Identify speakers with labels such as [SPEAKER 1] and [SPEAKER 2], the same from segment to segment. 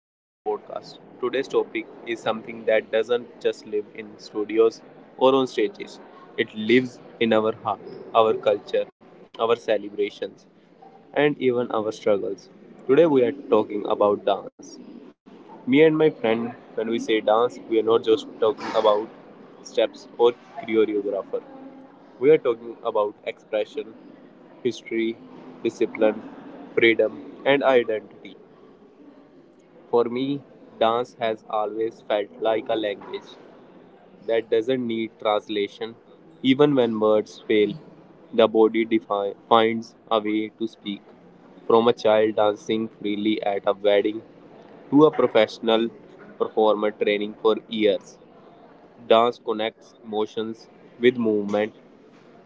[SPEAKER 1] of our podcast. Today's topic is something that doesn't just live in studios or on stages, it lives in our heart, our culture, our celebrations, and even our struggles. Today, we are talking about dance. Me and my friend, when we say dance, we are not just talking about steps or choreographer. We are talking about expression, history, discipline, freedom, and identity. For me, dance has always felt like a language that doesn't need translation. Even when words fail, the body finds a way to speak. From a child dancing freely at a wedding to a professional performer training for years, dance connects emotions with movement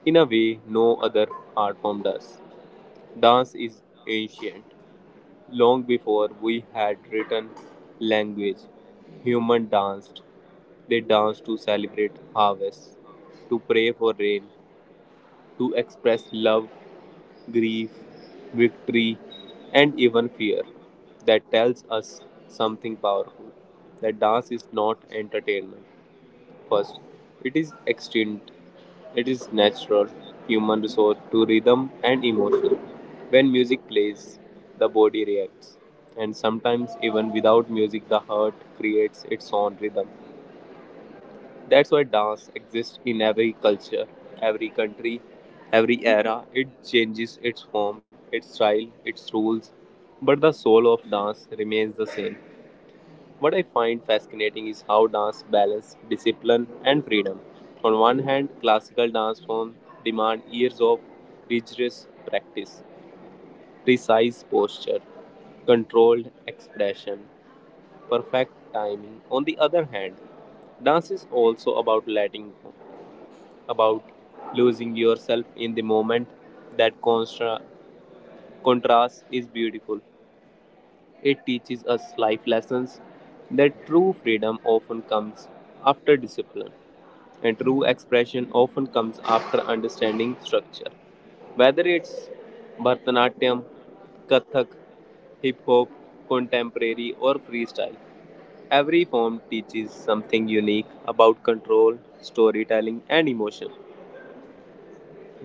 [SPEAKER 1] in a way no other art form does. Dance is ancient. Long before we had written language, humans danced. They danced to celebrate harvests, to pray for rain, to express love, grief, victory, and even fear. That tells us something powerful, that dance is not entertainment. First, it is extinct. It is natural human resort to rhythm and emotion. When music plays, the body reacts, and sometimes, even without music, the heart creates its own rhythm. That's why dance exists in every culture, every country, every era. It changes its form, its style, its rules, but the soul of dance remains the same. What I find fascinating is how dance balances discipline and freedom. On one hand, classical dance forms demand years of rigorous practice, precise posture, controlled expression, perfect timing. On the other hand, dance is also about letting go, about losing yourself in the moment. That contrast is beautiful. It teaches us life lessons, that true freedom often comes after discipline, and true expression often comes after understanding structure. Whether it's Bharatanatyam, Kathak, hip hop, contemporary, or freestyle, every form teaches something unique about control, storytelling, and emotion.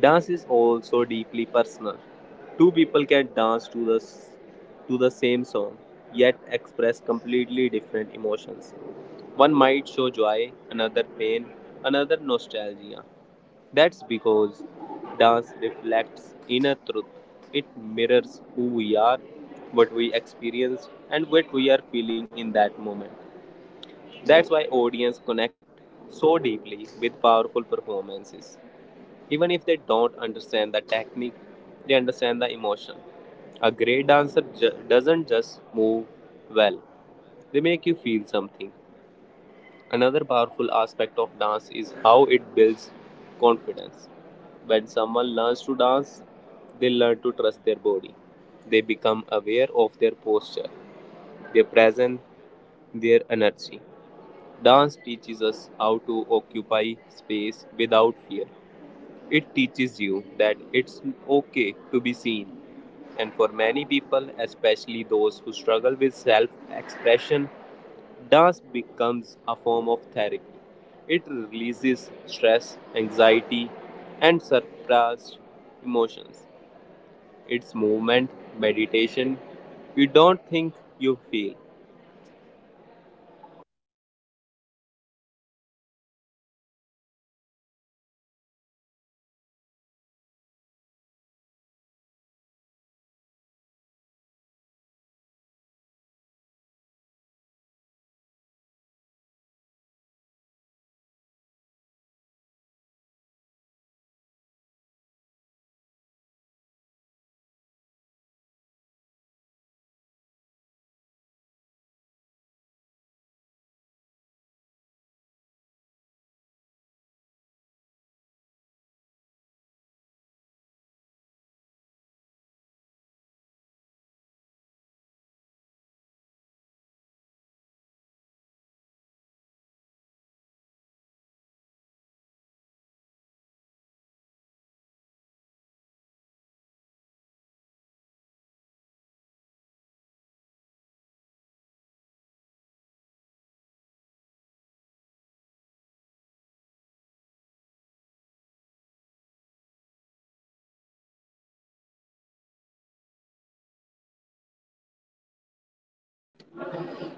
[SPEAKER 1] Dance is also deeply personal. Two people can dance to to the same song, yet express completely different emotions. One might show joy, another pain, another nostalgia. That's because dance reflects inner truth. It mirrors who we are, what we experience, and what we are feeling in that moment. That's why audience connect so deeply with powerful performances. Even if they don't understand the technique, they understand the emotion. A great doesn't just move well, they make you feel something. Another powerful aspect of dance is how it builds confidence. When someone learns to dance, they learn to trust their body. They become aware of their posture, their presence, their energy. Dance teaches us how to occupy space without fear. It teaches you that it's okay to be seen, and for many people, especially those who struggle with self expression, dance becomes a form of therapy. It releases stress, anxiety, and suppressed emotions. It's movement, meditation. You don't think, you feel.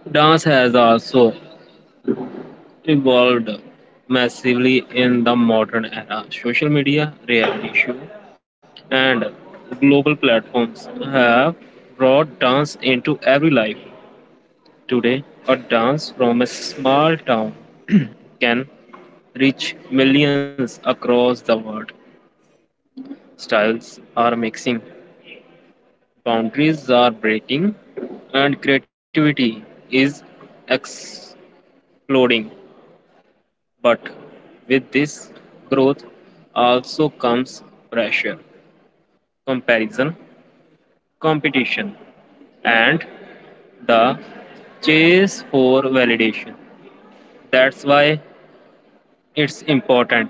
[SPEAKER 2] Dance has also evolved massively in the modern era. Social media, reality show, and global platforms have brought dance into every life. Today, a dance from a small town can reach millions across the world. Styles are mixing, boundaries are breaking, and creativity is exploding. But with this growth also comes pressure, comparison, competition, and the chase for validation. That's why it's important.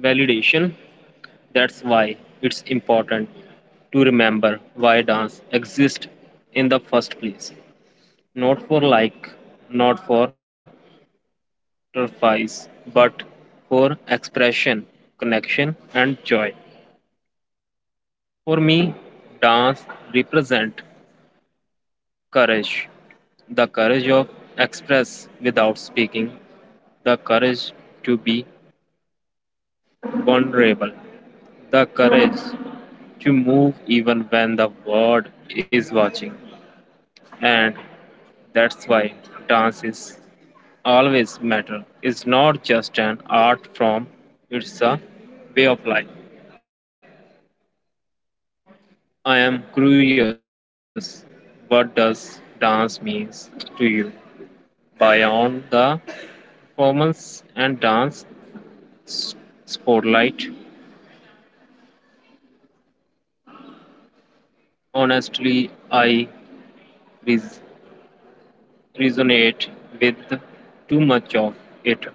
[SPEAKER 2] Validation, that's why it's important to remember why dance exists in the first place. Not for like, Not for trophies, but for expression, connection, and joy. For me, dance represent courage, the courage of express without speaking, the courage to be vulnerable, the courage to move even when the world is watching. And that's why dance is always matter. It's not just an art form, it's a way of life. I am curious what does dance means to you beyond the performance and dance s- spotlight. Honestly, I res- resonate with too much of it.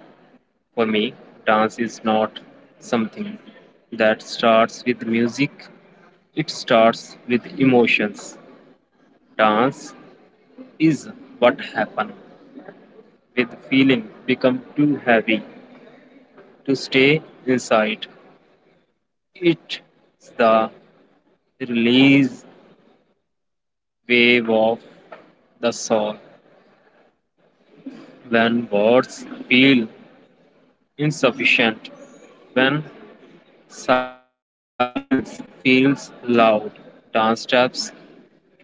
[SPEAKER 2] For me, dance is not something that starts with music, it starts with emotions. Dance is what happens with feeling become too heavy to stay inside. It's the release wave of the soul. When words feel insufficient, when silence feels loud, dance steps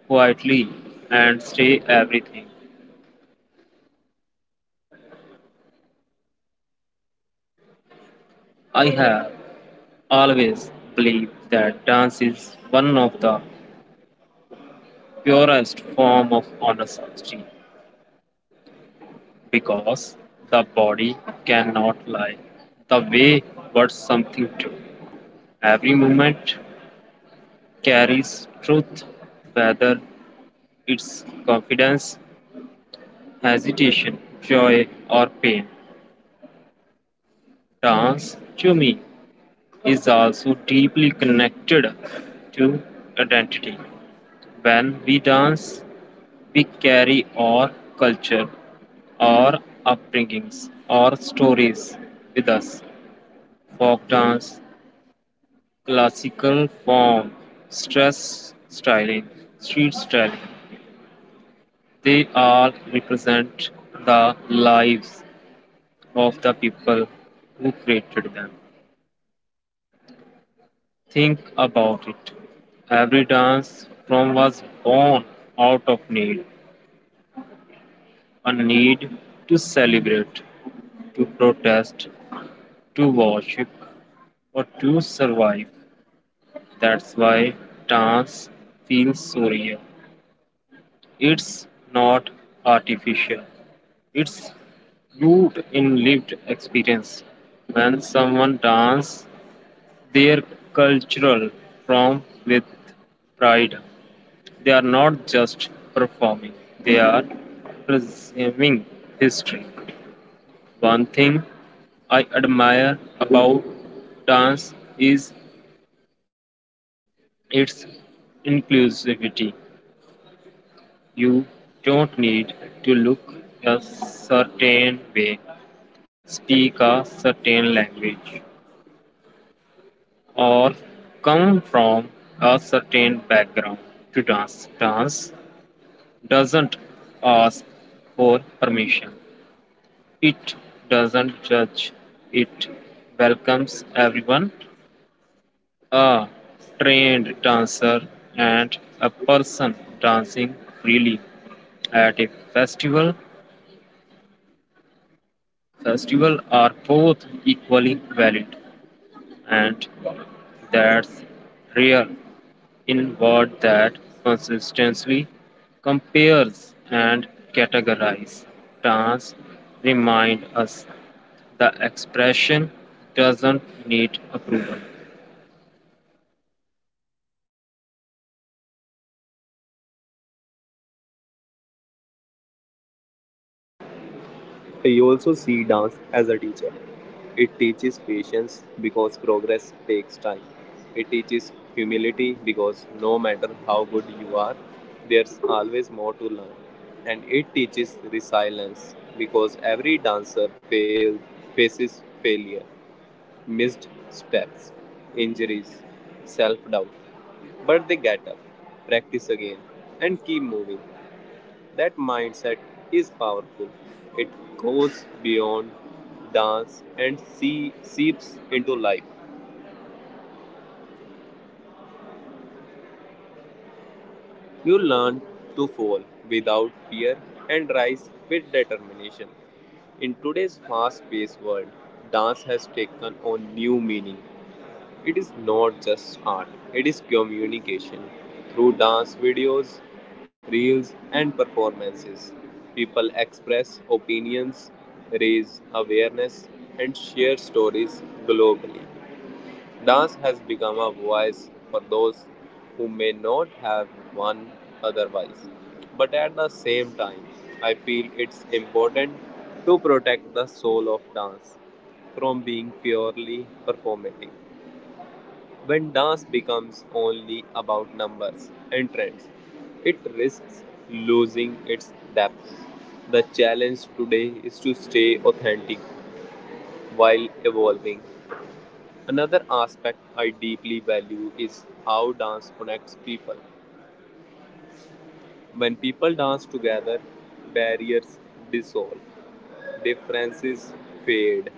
[SPEAKER 2] quietly and say everything. I have always believed that dance is one of the purest form of honesty because the body cannot lie. The way words something to every moment carries truth, whether it's confidence hesitation, joy, or pain. Dance, to me, is also deeply connected to identity. When we dance, we carry our culture, our upbringings, our stories with us. Folk dance, classical form, stress styling, street styling, they all represent the lives of the people who created them. Think about it. Every dance form was born out of need, a need to celebrate, to protest, to worship, or to survive. That's why dance feels so real. It's not artificial, it's rooted in lived experience. When someone dances their cultural form with pride, they are not just performing, they are preserving history. One thing I admire about dance is its inclusivity. You don't need to look a certain way, speak a certain language, or come from a certain background to dance. Dance doesn't ask for permission. It doesn't judge, it welcomes everyone, a trained dancer and a person dancing freely at a festival. Festival are both equally valid, and that's rare in word that consistently compares and categorizes. Dance remind us the expression doesn't need approval.
[SPEAKER 1] You also see dance as a teacher. It teaches patience because progress takes time. It teaches humility because no matter how good you are, there's always more to learn. And it teaches resilience because every dancer fails, faces failure, missed steps, injuries, self doubt. But they get up, practice again, and keep moving. That mindset is powerful. It goes beyond dance and seeps into life. You learn to fall without fear and rise with determination. In today's fast paced world, dance has taken on new meaning. It is not just art, it is communication. Through dance videos, reels, and performances, people express opinions, raise awareness, and share stories globally. Dance has become a voice for those who may not have one otherwise. But at the same time, I feel it's important to protect the soul of dance from being purely performative. When dance becomes only about numbers and trends, it risks losing its depth. The challenge today is to stay authentic while evolving. Another aspect I deeply value is how dance connects people. When people dance together, barriers dissolve. Differences fade.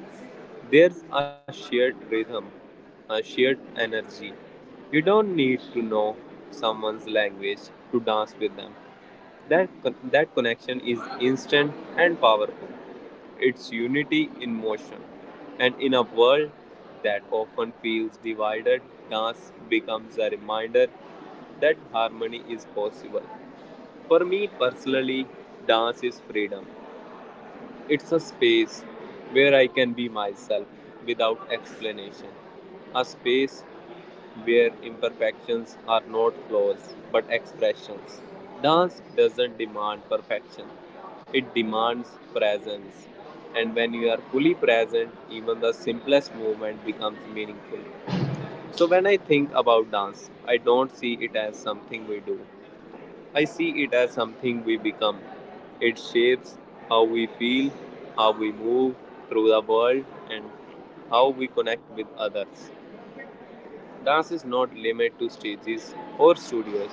[SPEAKER 1] There's a shared rhythm, a shared energy. You don't need to know someone's language to dance with them. That connection is instant and powerful. It's unity in motion. And in a world that often feels divided, dance becomes a reminder that harmony is possible. For me personally, dance is freedom. It's a space where I can be myself without explanation, a space where imperfections are not flaws but expressions. Dance doesn't demand perfection, it demands presence. And when you are fully present, even the simplest movement becomes meaningful. So, when I think about dance, I don't see it as something we do. I see it as something we become. It shapes how we feel, how we move through the world, and how we connect with others. Dance is not limited to stages or studios.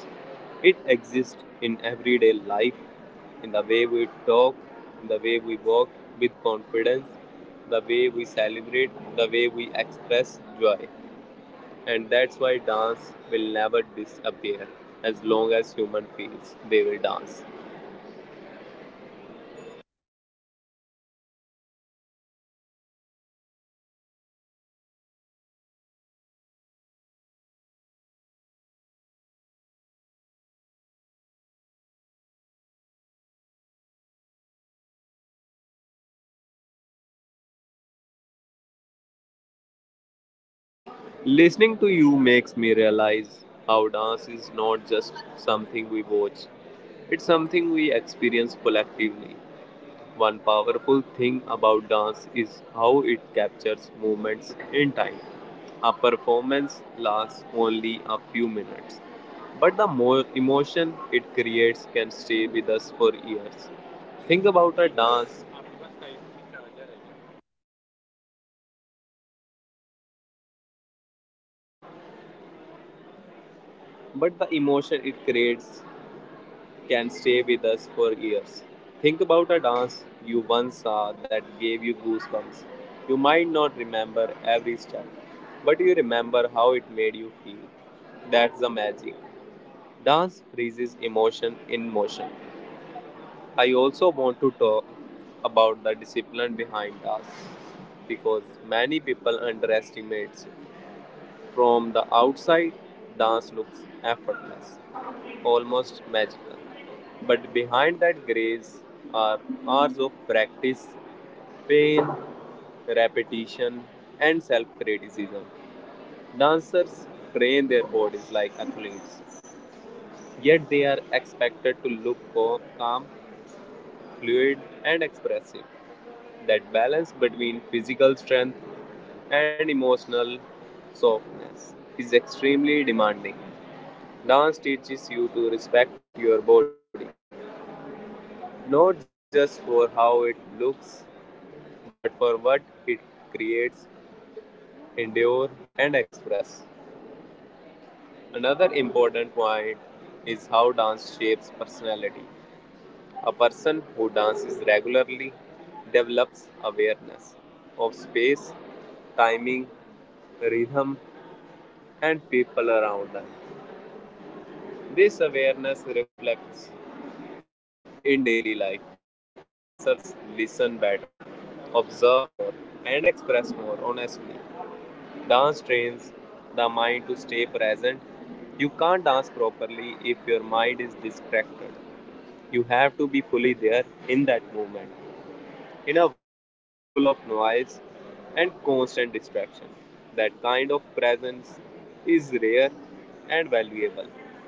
[SPEAKER 1] It exists in everyday life, in the way we talk, in the way we walk with confidence, the way we celebrate, the way we express joy. And that's why dance will never disappear. As long as human feels, they will dance. Listening to you makes me realize how dance is not just something we watch, it's something we experience collectively. One powerful thing about dance is how it captures moments in time. A performance lasts only a few minutes, but the more emotion it creates can stay with us for years. Think about a dance, but the emotion it creates can stay with us for years. Think about a dance you once saw that gave you goosebumps. You might not remember every step, but you remember how it made you feel. That's the magic. Dance freezes emotion in motion. I also want to talk about the discipline behind dance because many people underestimate it. From the outside, dance looks effortless, almost magical. But behind that grace are hours of practice, pain, repetition, and self criticism. Dancers train their bodies like athletes, yet they are expected to look calm, fluid, and expressive. That balance between physical strength and emotional softness is extremely demanding. Dance teaches you to respect your body, not just for how it looks, but for what it creates, endure, and express. Another important point is how dance shapes personality. A person who dances regularly develops awareness of space, timing, rhythm, and people around them. This awareness reflects in daily life. Dancers listen better, observe more, and express more honestly. Dance trains the mind to stay present. You can't dance properly if your mind is distracted. You have to be fully there in that moment. In a world full of noise and constant distraction, that kind of presence is rare and valuable.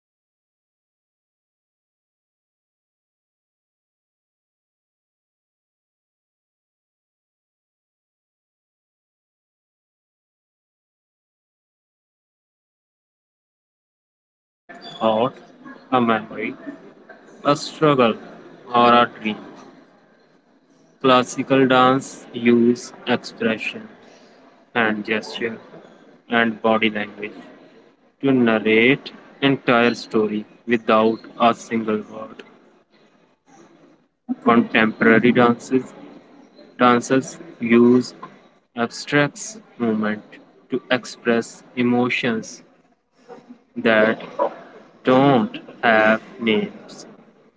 [SPEAKER 2] Dance also play a powerful role in storytelling. Every movement can represent a thought, a memory, a struggle, or a dream. Classical dance use expression, hand gesture, and body language to narrate entire story without a single word. Contemporary dances dancers use abstracts movement to express emotions that don't have names.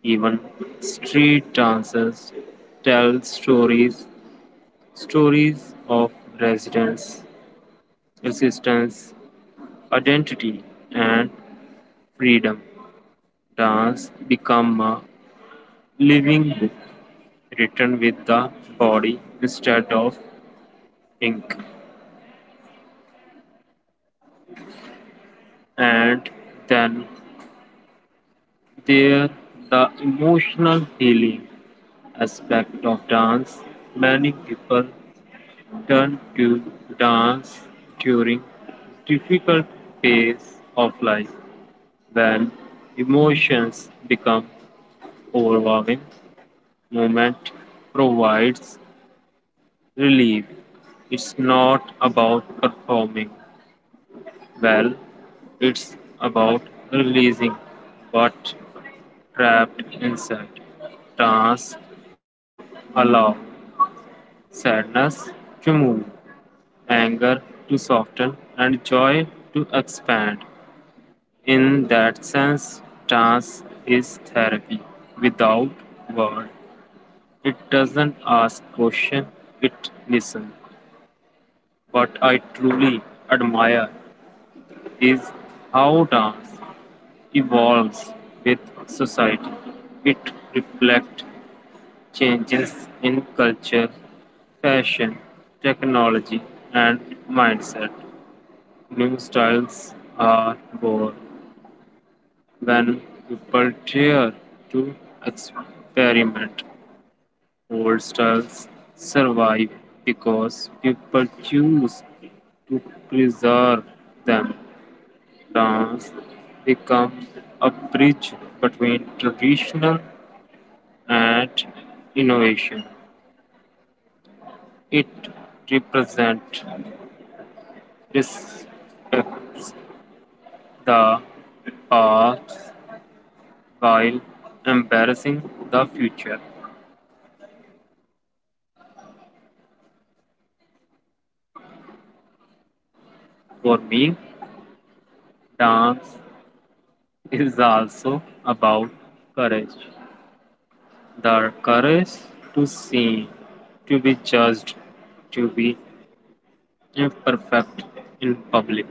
[SPEAKER 2] Even street dances tell stories, stories of resistance, resistance, identity, and freedom. Dance become a living book written with the body instead of ink. And then there the emotional healing aspect of dance, many people turn to dance during difficult phase of life when emotions become overwhelming. Movement provides relief. It's not about performing well, it's about releasing what trapped inside. Dance allows sadness to move, anger to soften, and joy to expand. In that sense, dance is therapy without words. It doesn't ask questions; it listens. What I truly admire is how dance evolves with society. It reflects changes in culture, fashion, technology, and mindset. New styles are born when people dare to experiment, old styles survive because people choose to preserve them. Dance becomes a bridge between traditional and innovation. It represents respects the past while embarrassing the future. For me, dance is also about courage, the courage to sin, to be judged, to be imperfect in public.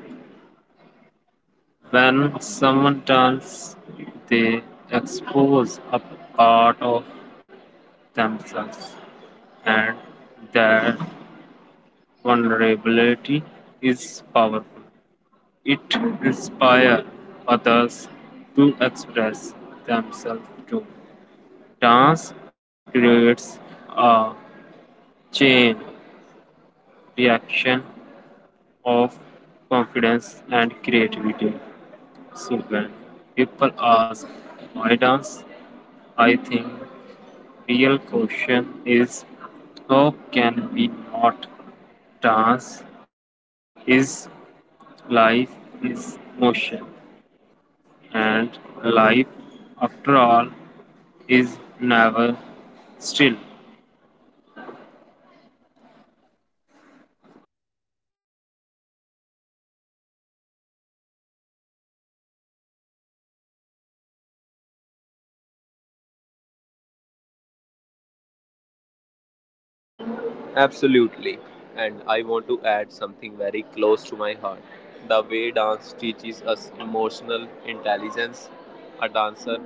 [SPEAKER 2] When someone turns, they expose a part of themselves, and their vulnerability is powerful. It inspires others to express themselves too. Dance creates a chain reaction of confidence and creativity. So when people ask why dance, I think real question is how can we not dance? Is life is motion and life after all is never still.
[SPEAKER 1] Absolutely. And I want to add something very close to my heart. The way dance teaches us emotional intelligence, a dancer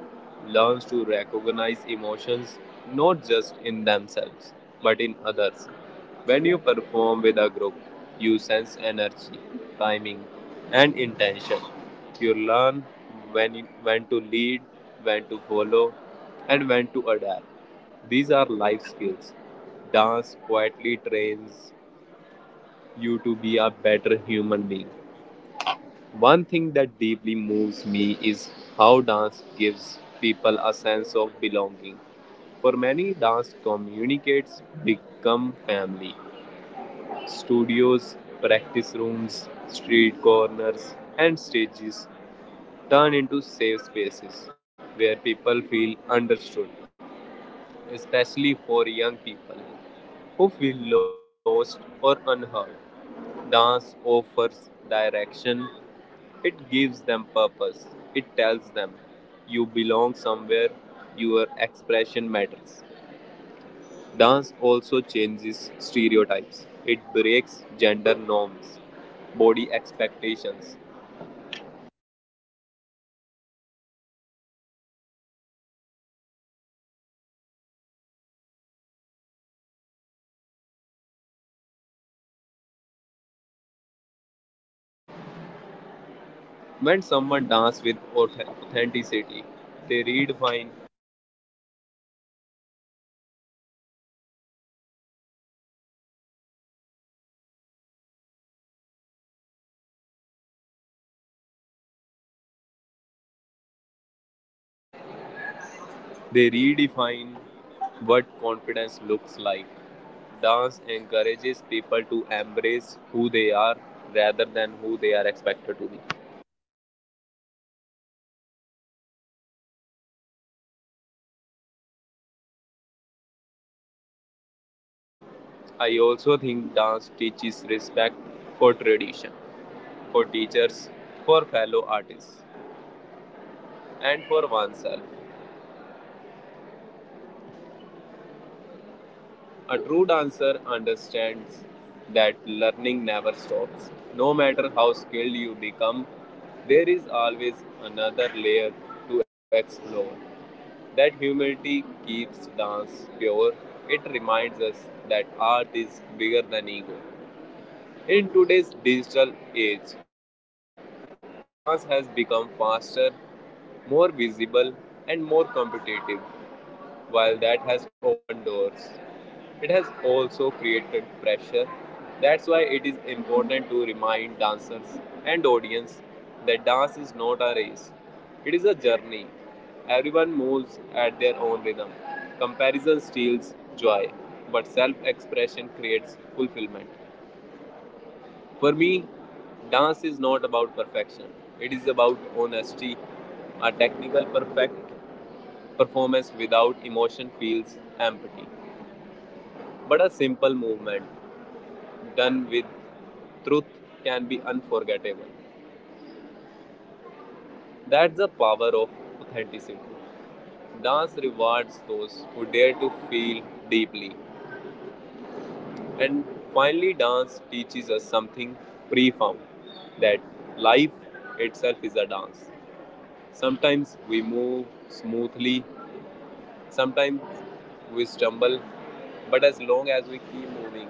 [SPEAKER 1] learns to recognize emotions not just in themselves but in others. When you perform with a group, you sense energy, timing, and intention. You learn when, when to lead, when to follow, and when to adapt. These are life skills. Dance quietly trains you to be a better human being. One thing that deeply moves me is how dance gives people a sense of belonging. For many, dance communicates become family. Studios, practice rooms, street corners, and stages turn into safe spaces where people feel understood, especially for young people who feel lost or unheard. Dance offers direction, it gives them purpose, it tells them you belong somewhere, your expression matters. Dance also changes stereotypes, it breaks gender norms, body expectations. When someone dances with authenticity, they redefine They redefine what confidence looks like. Dance encourages people to embrace who they are rather than who they are expected to be. I also think dance teaches respect for tradition, for teachers, for fellow artists, and for oneself. A true dancer understands that learning never stops. No matter how skilled you become, there is always another layer to explore. That humility keeps dance pure. It reminds us that art is bigger than ego. In today's digital age, dance has become faster, more visible, and more competitive. While that has opened doors, it has also created pressure. That's why it is important to remind dancers and audience that dance is not a race, it is a journey. Everyone moves at their own rhythm. Comparison steals joy, but self expression creates fulfillment. For me, dance is not about perfection. It is about honesty. A technical perfect performance without emotion feels empty. But a simple movement done with truth can be unforgettable. That's the power of authenticity. Dance rewards those who dare to feel deeply. And finally, dance teaches us something profound, that life itself is a dance. Sometimes we move smoothly, sometimes we stumble, but as long as we keep moving,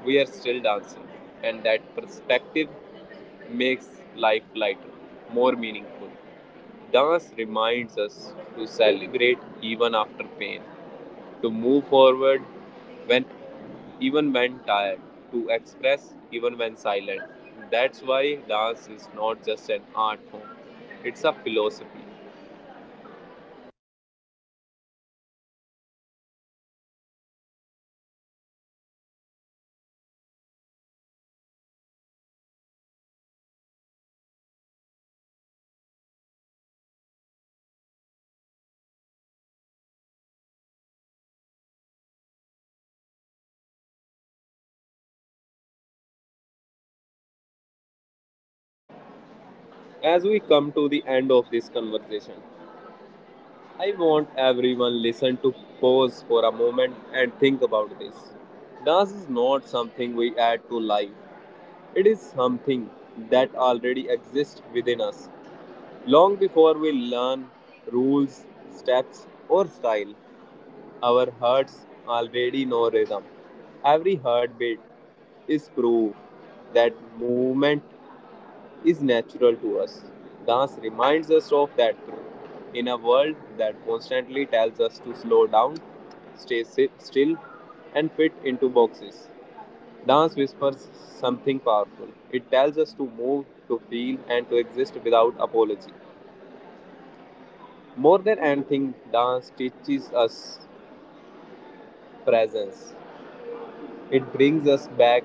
[SPEAKER 1] we are still dancing, and that perspective makes life lighter, more meaningful. Dance reminds us to celebrate even after pain, to move forward when even when tired, to express even when silent. That's why dance is not just an art form, it's a philosophy. As we come to the end of this conversation, I want everyone listen to pause for a moment and think about this. Dance is not something we add to life. It is something that already exists within us. Long before we learn rules, steps, or style, our hearts already know rhythm. Every heartbeat is proof that movement is natural to us. Dance reminds us of that truth. In a world that constantly tells us to slow down, stay sit still, and fit into boxes, dance whispers something powerful. It tells us to move, to feel, and to exist without apology. More than anything, dance teaches us presence. It brings us back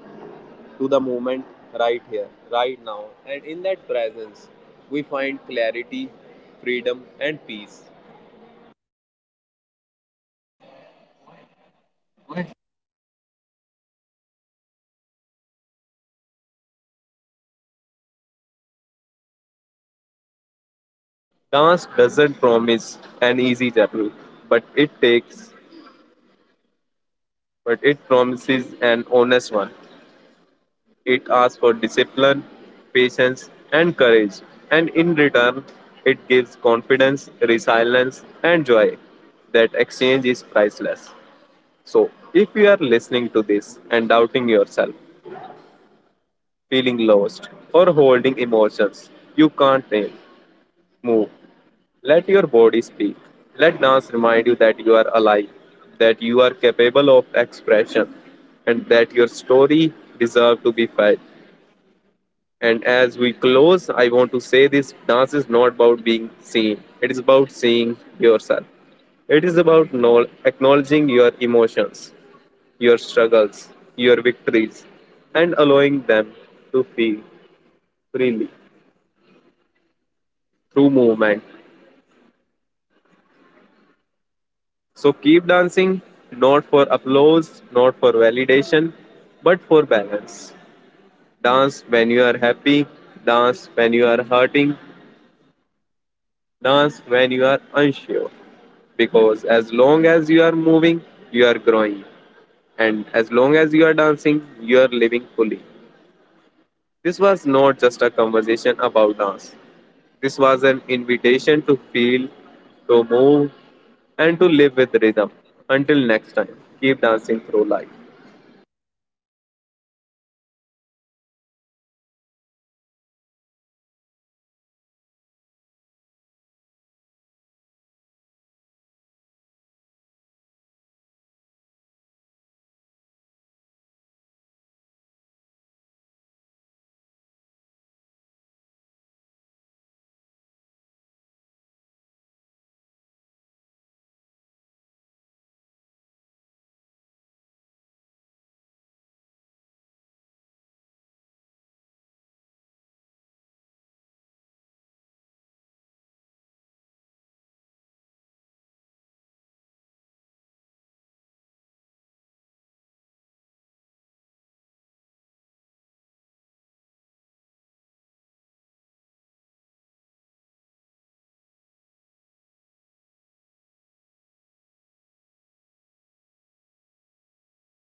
[SPEAKER 1] to the moment right here, right now. And in that presence, we find clarity, freedom, and peace.
[SPEAKER 2] Dance doesn't promise an easy journey, but it takes, but it promises an honest one. It asks for discipline, patience, and courage, and in return, it gives confidence, resilience, and joy. That exchange is priceless. So, if you are listening to this and doubting yourself, feeling lost, or holding emotions you can't name, move. Let your body speak. Let dance remind you that you are alive, that you are capable of expression, and that your story deserves to be felt. And as we close, I want to say this dance is not about being seen, it is about seeing yourself. It is about acknowledging your emotions, your struggles, your victories, and allowing them to feel freely through movement. So keep dancing, not for applause, not for validation, but for balance. Dance when you are happy, dance when you are hurting, dance when you are unsure. Because as long as you are moving, you are growing, and as long as you are dancing, you are living fully. This was not just a conversation about dance, this was an invitation to feel, to move, and to live with rhythm. Until next time, keep dancing through life.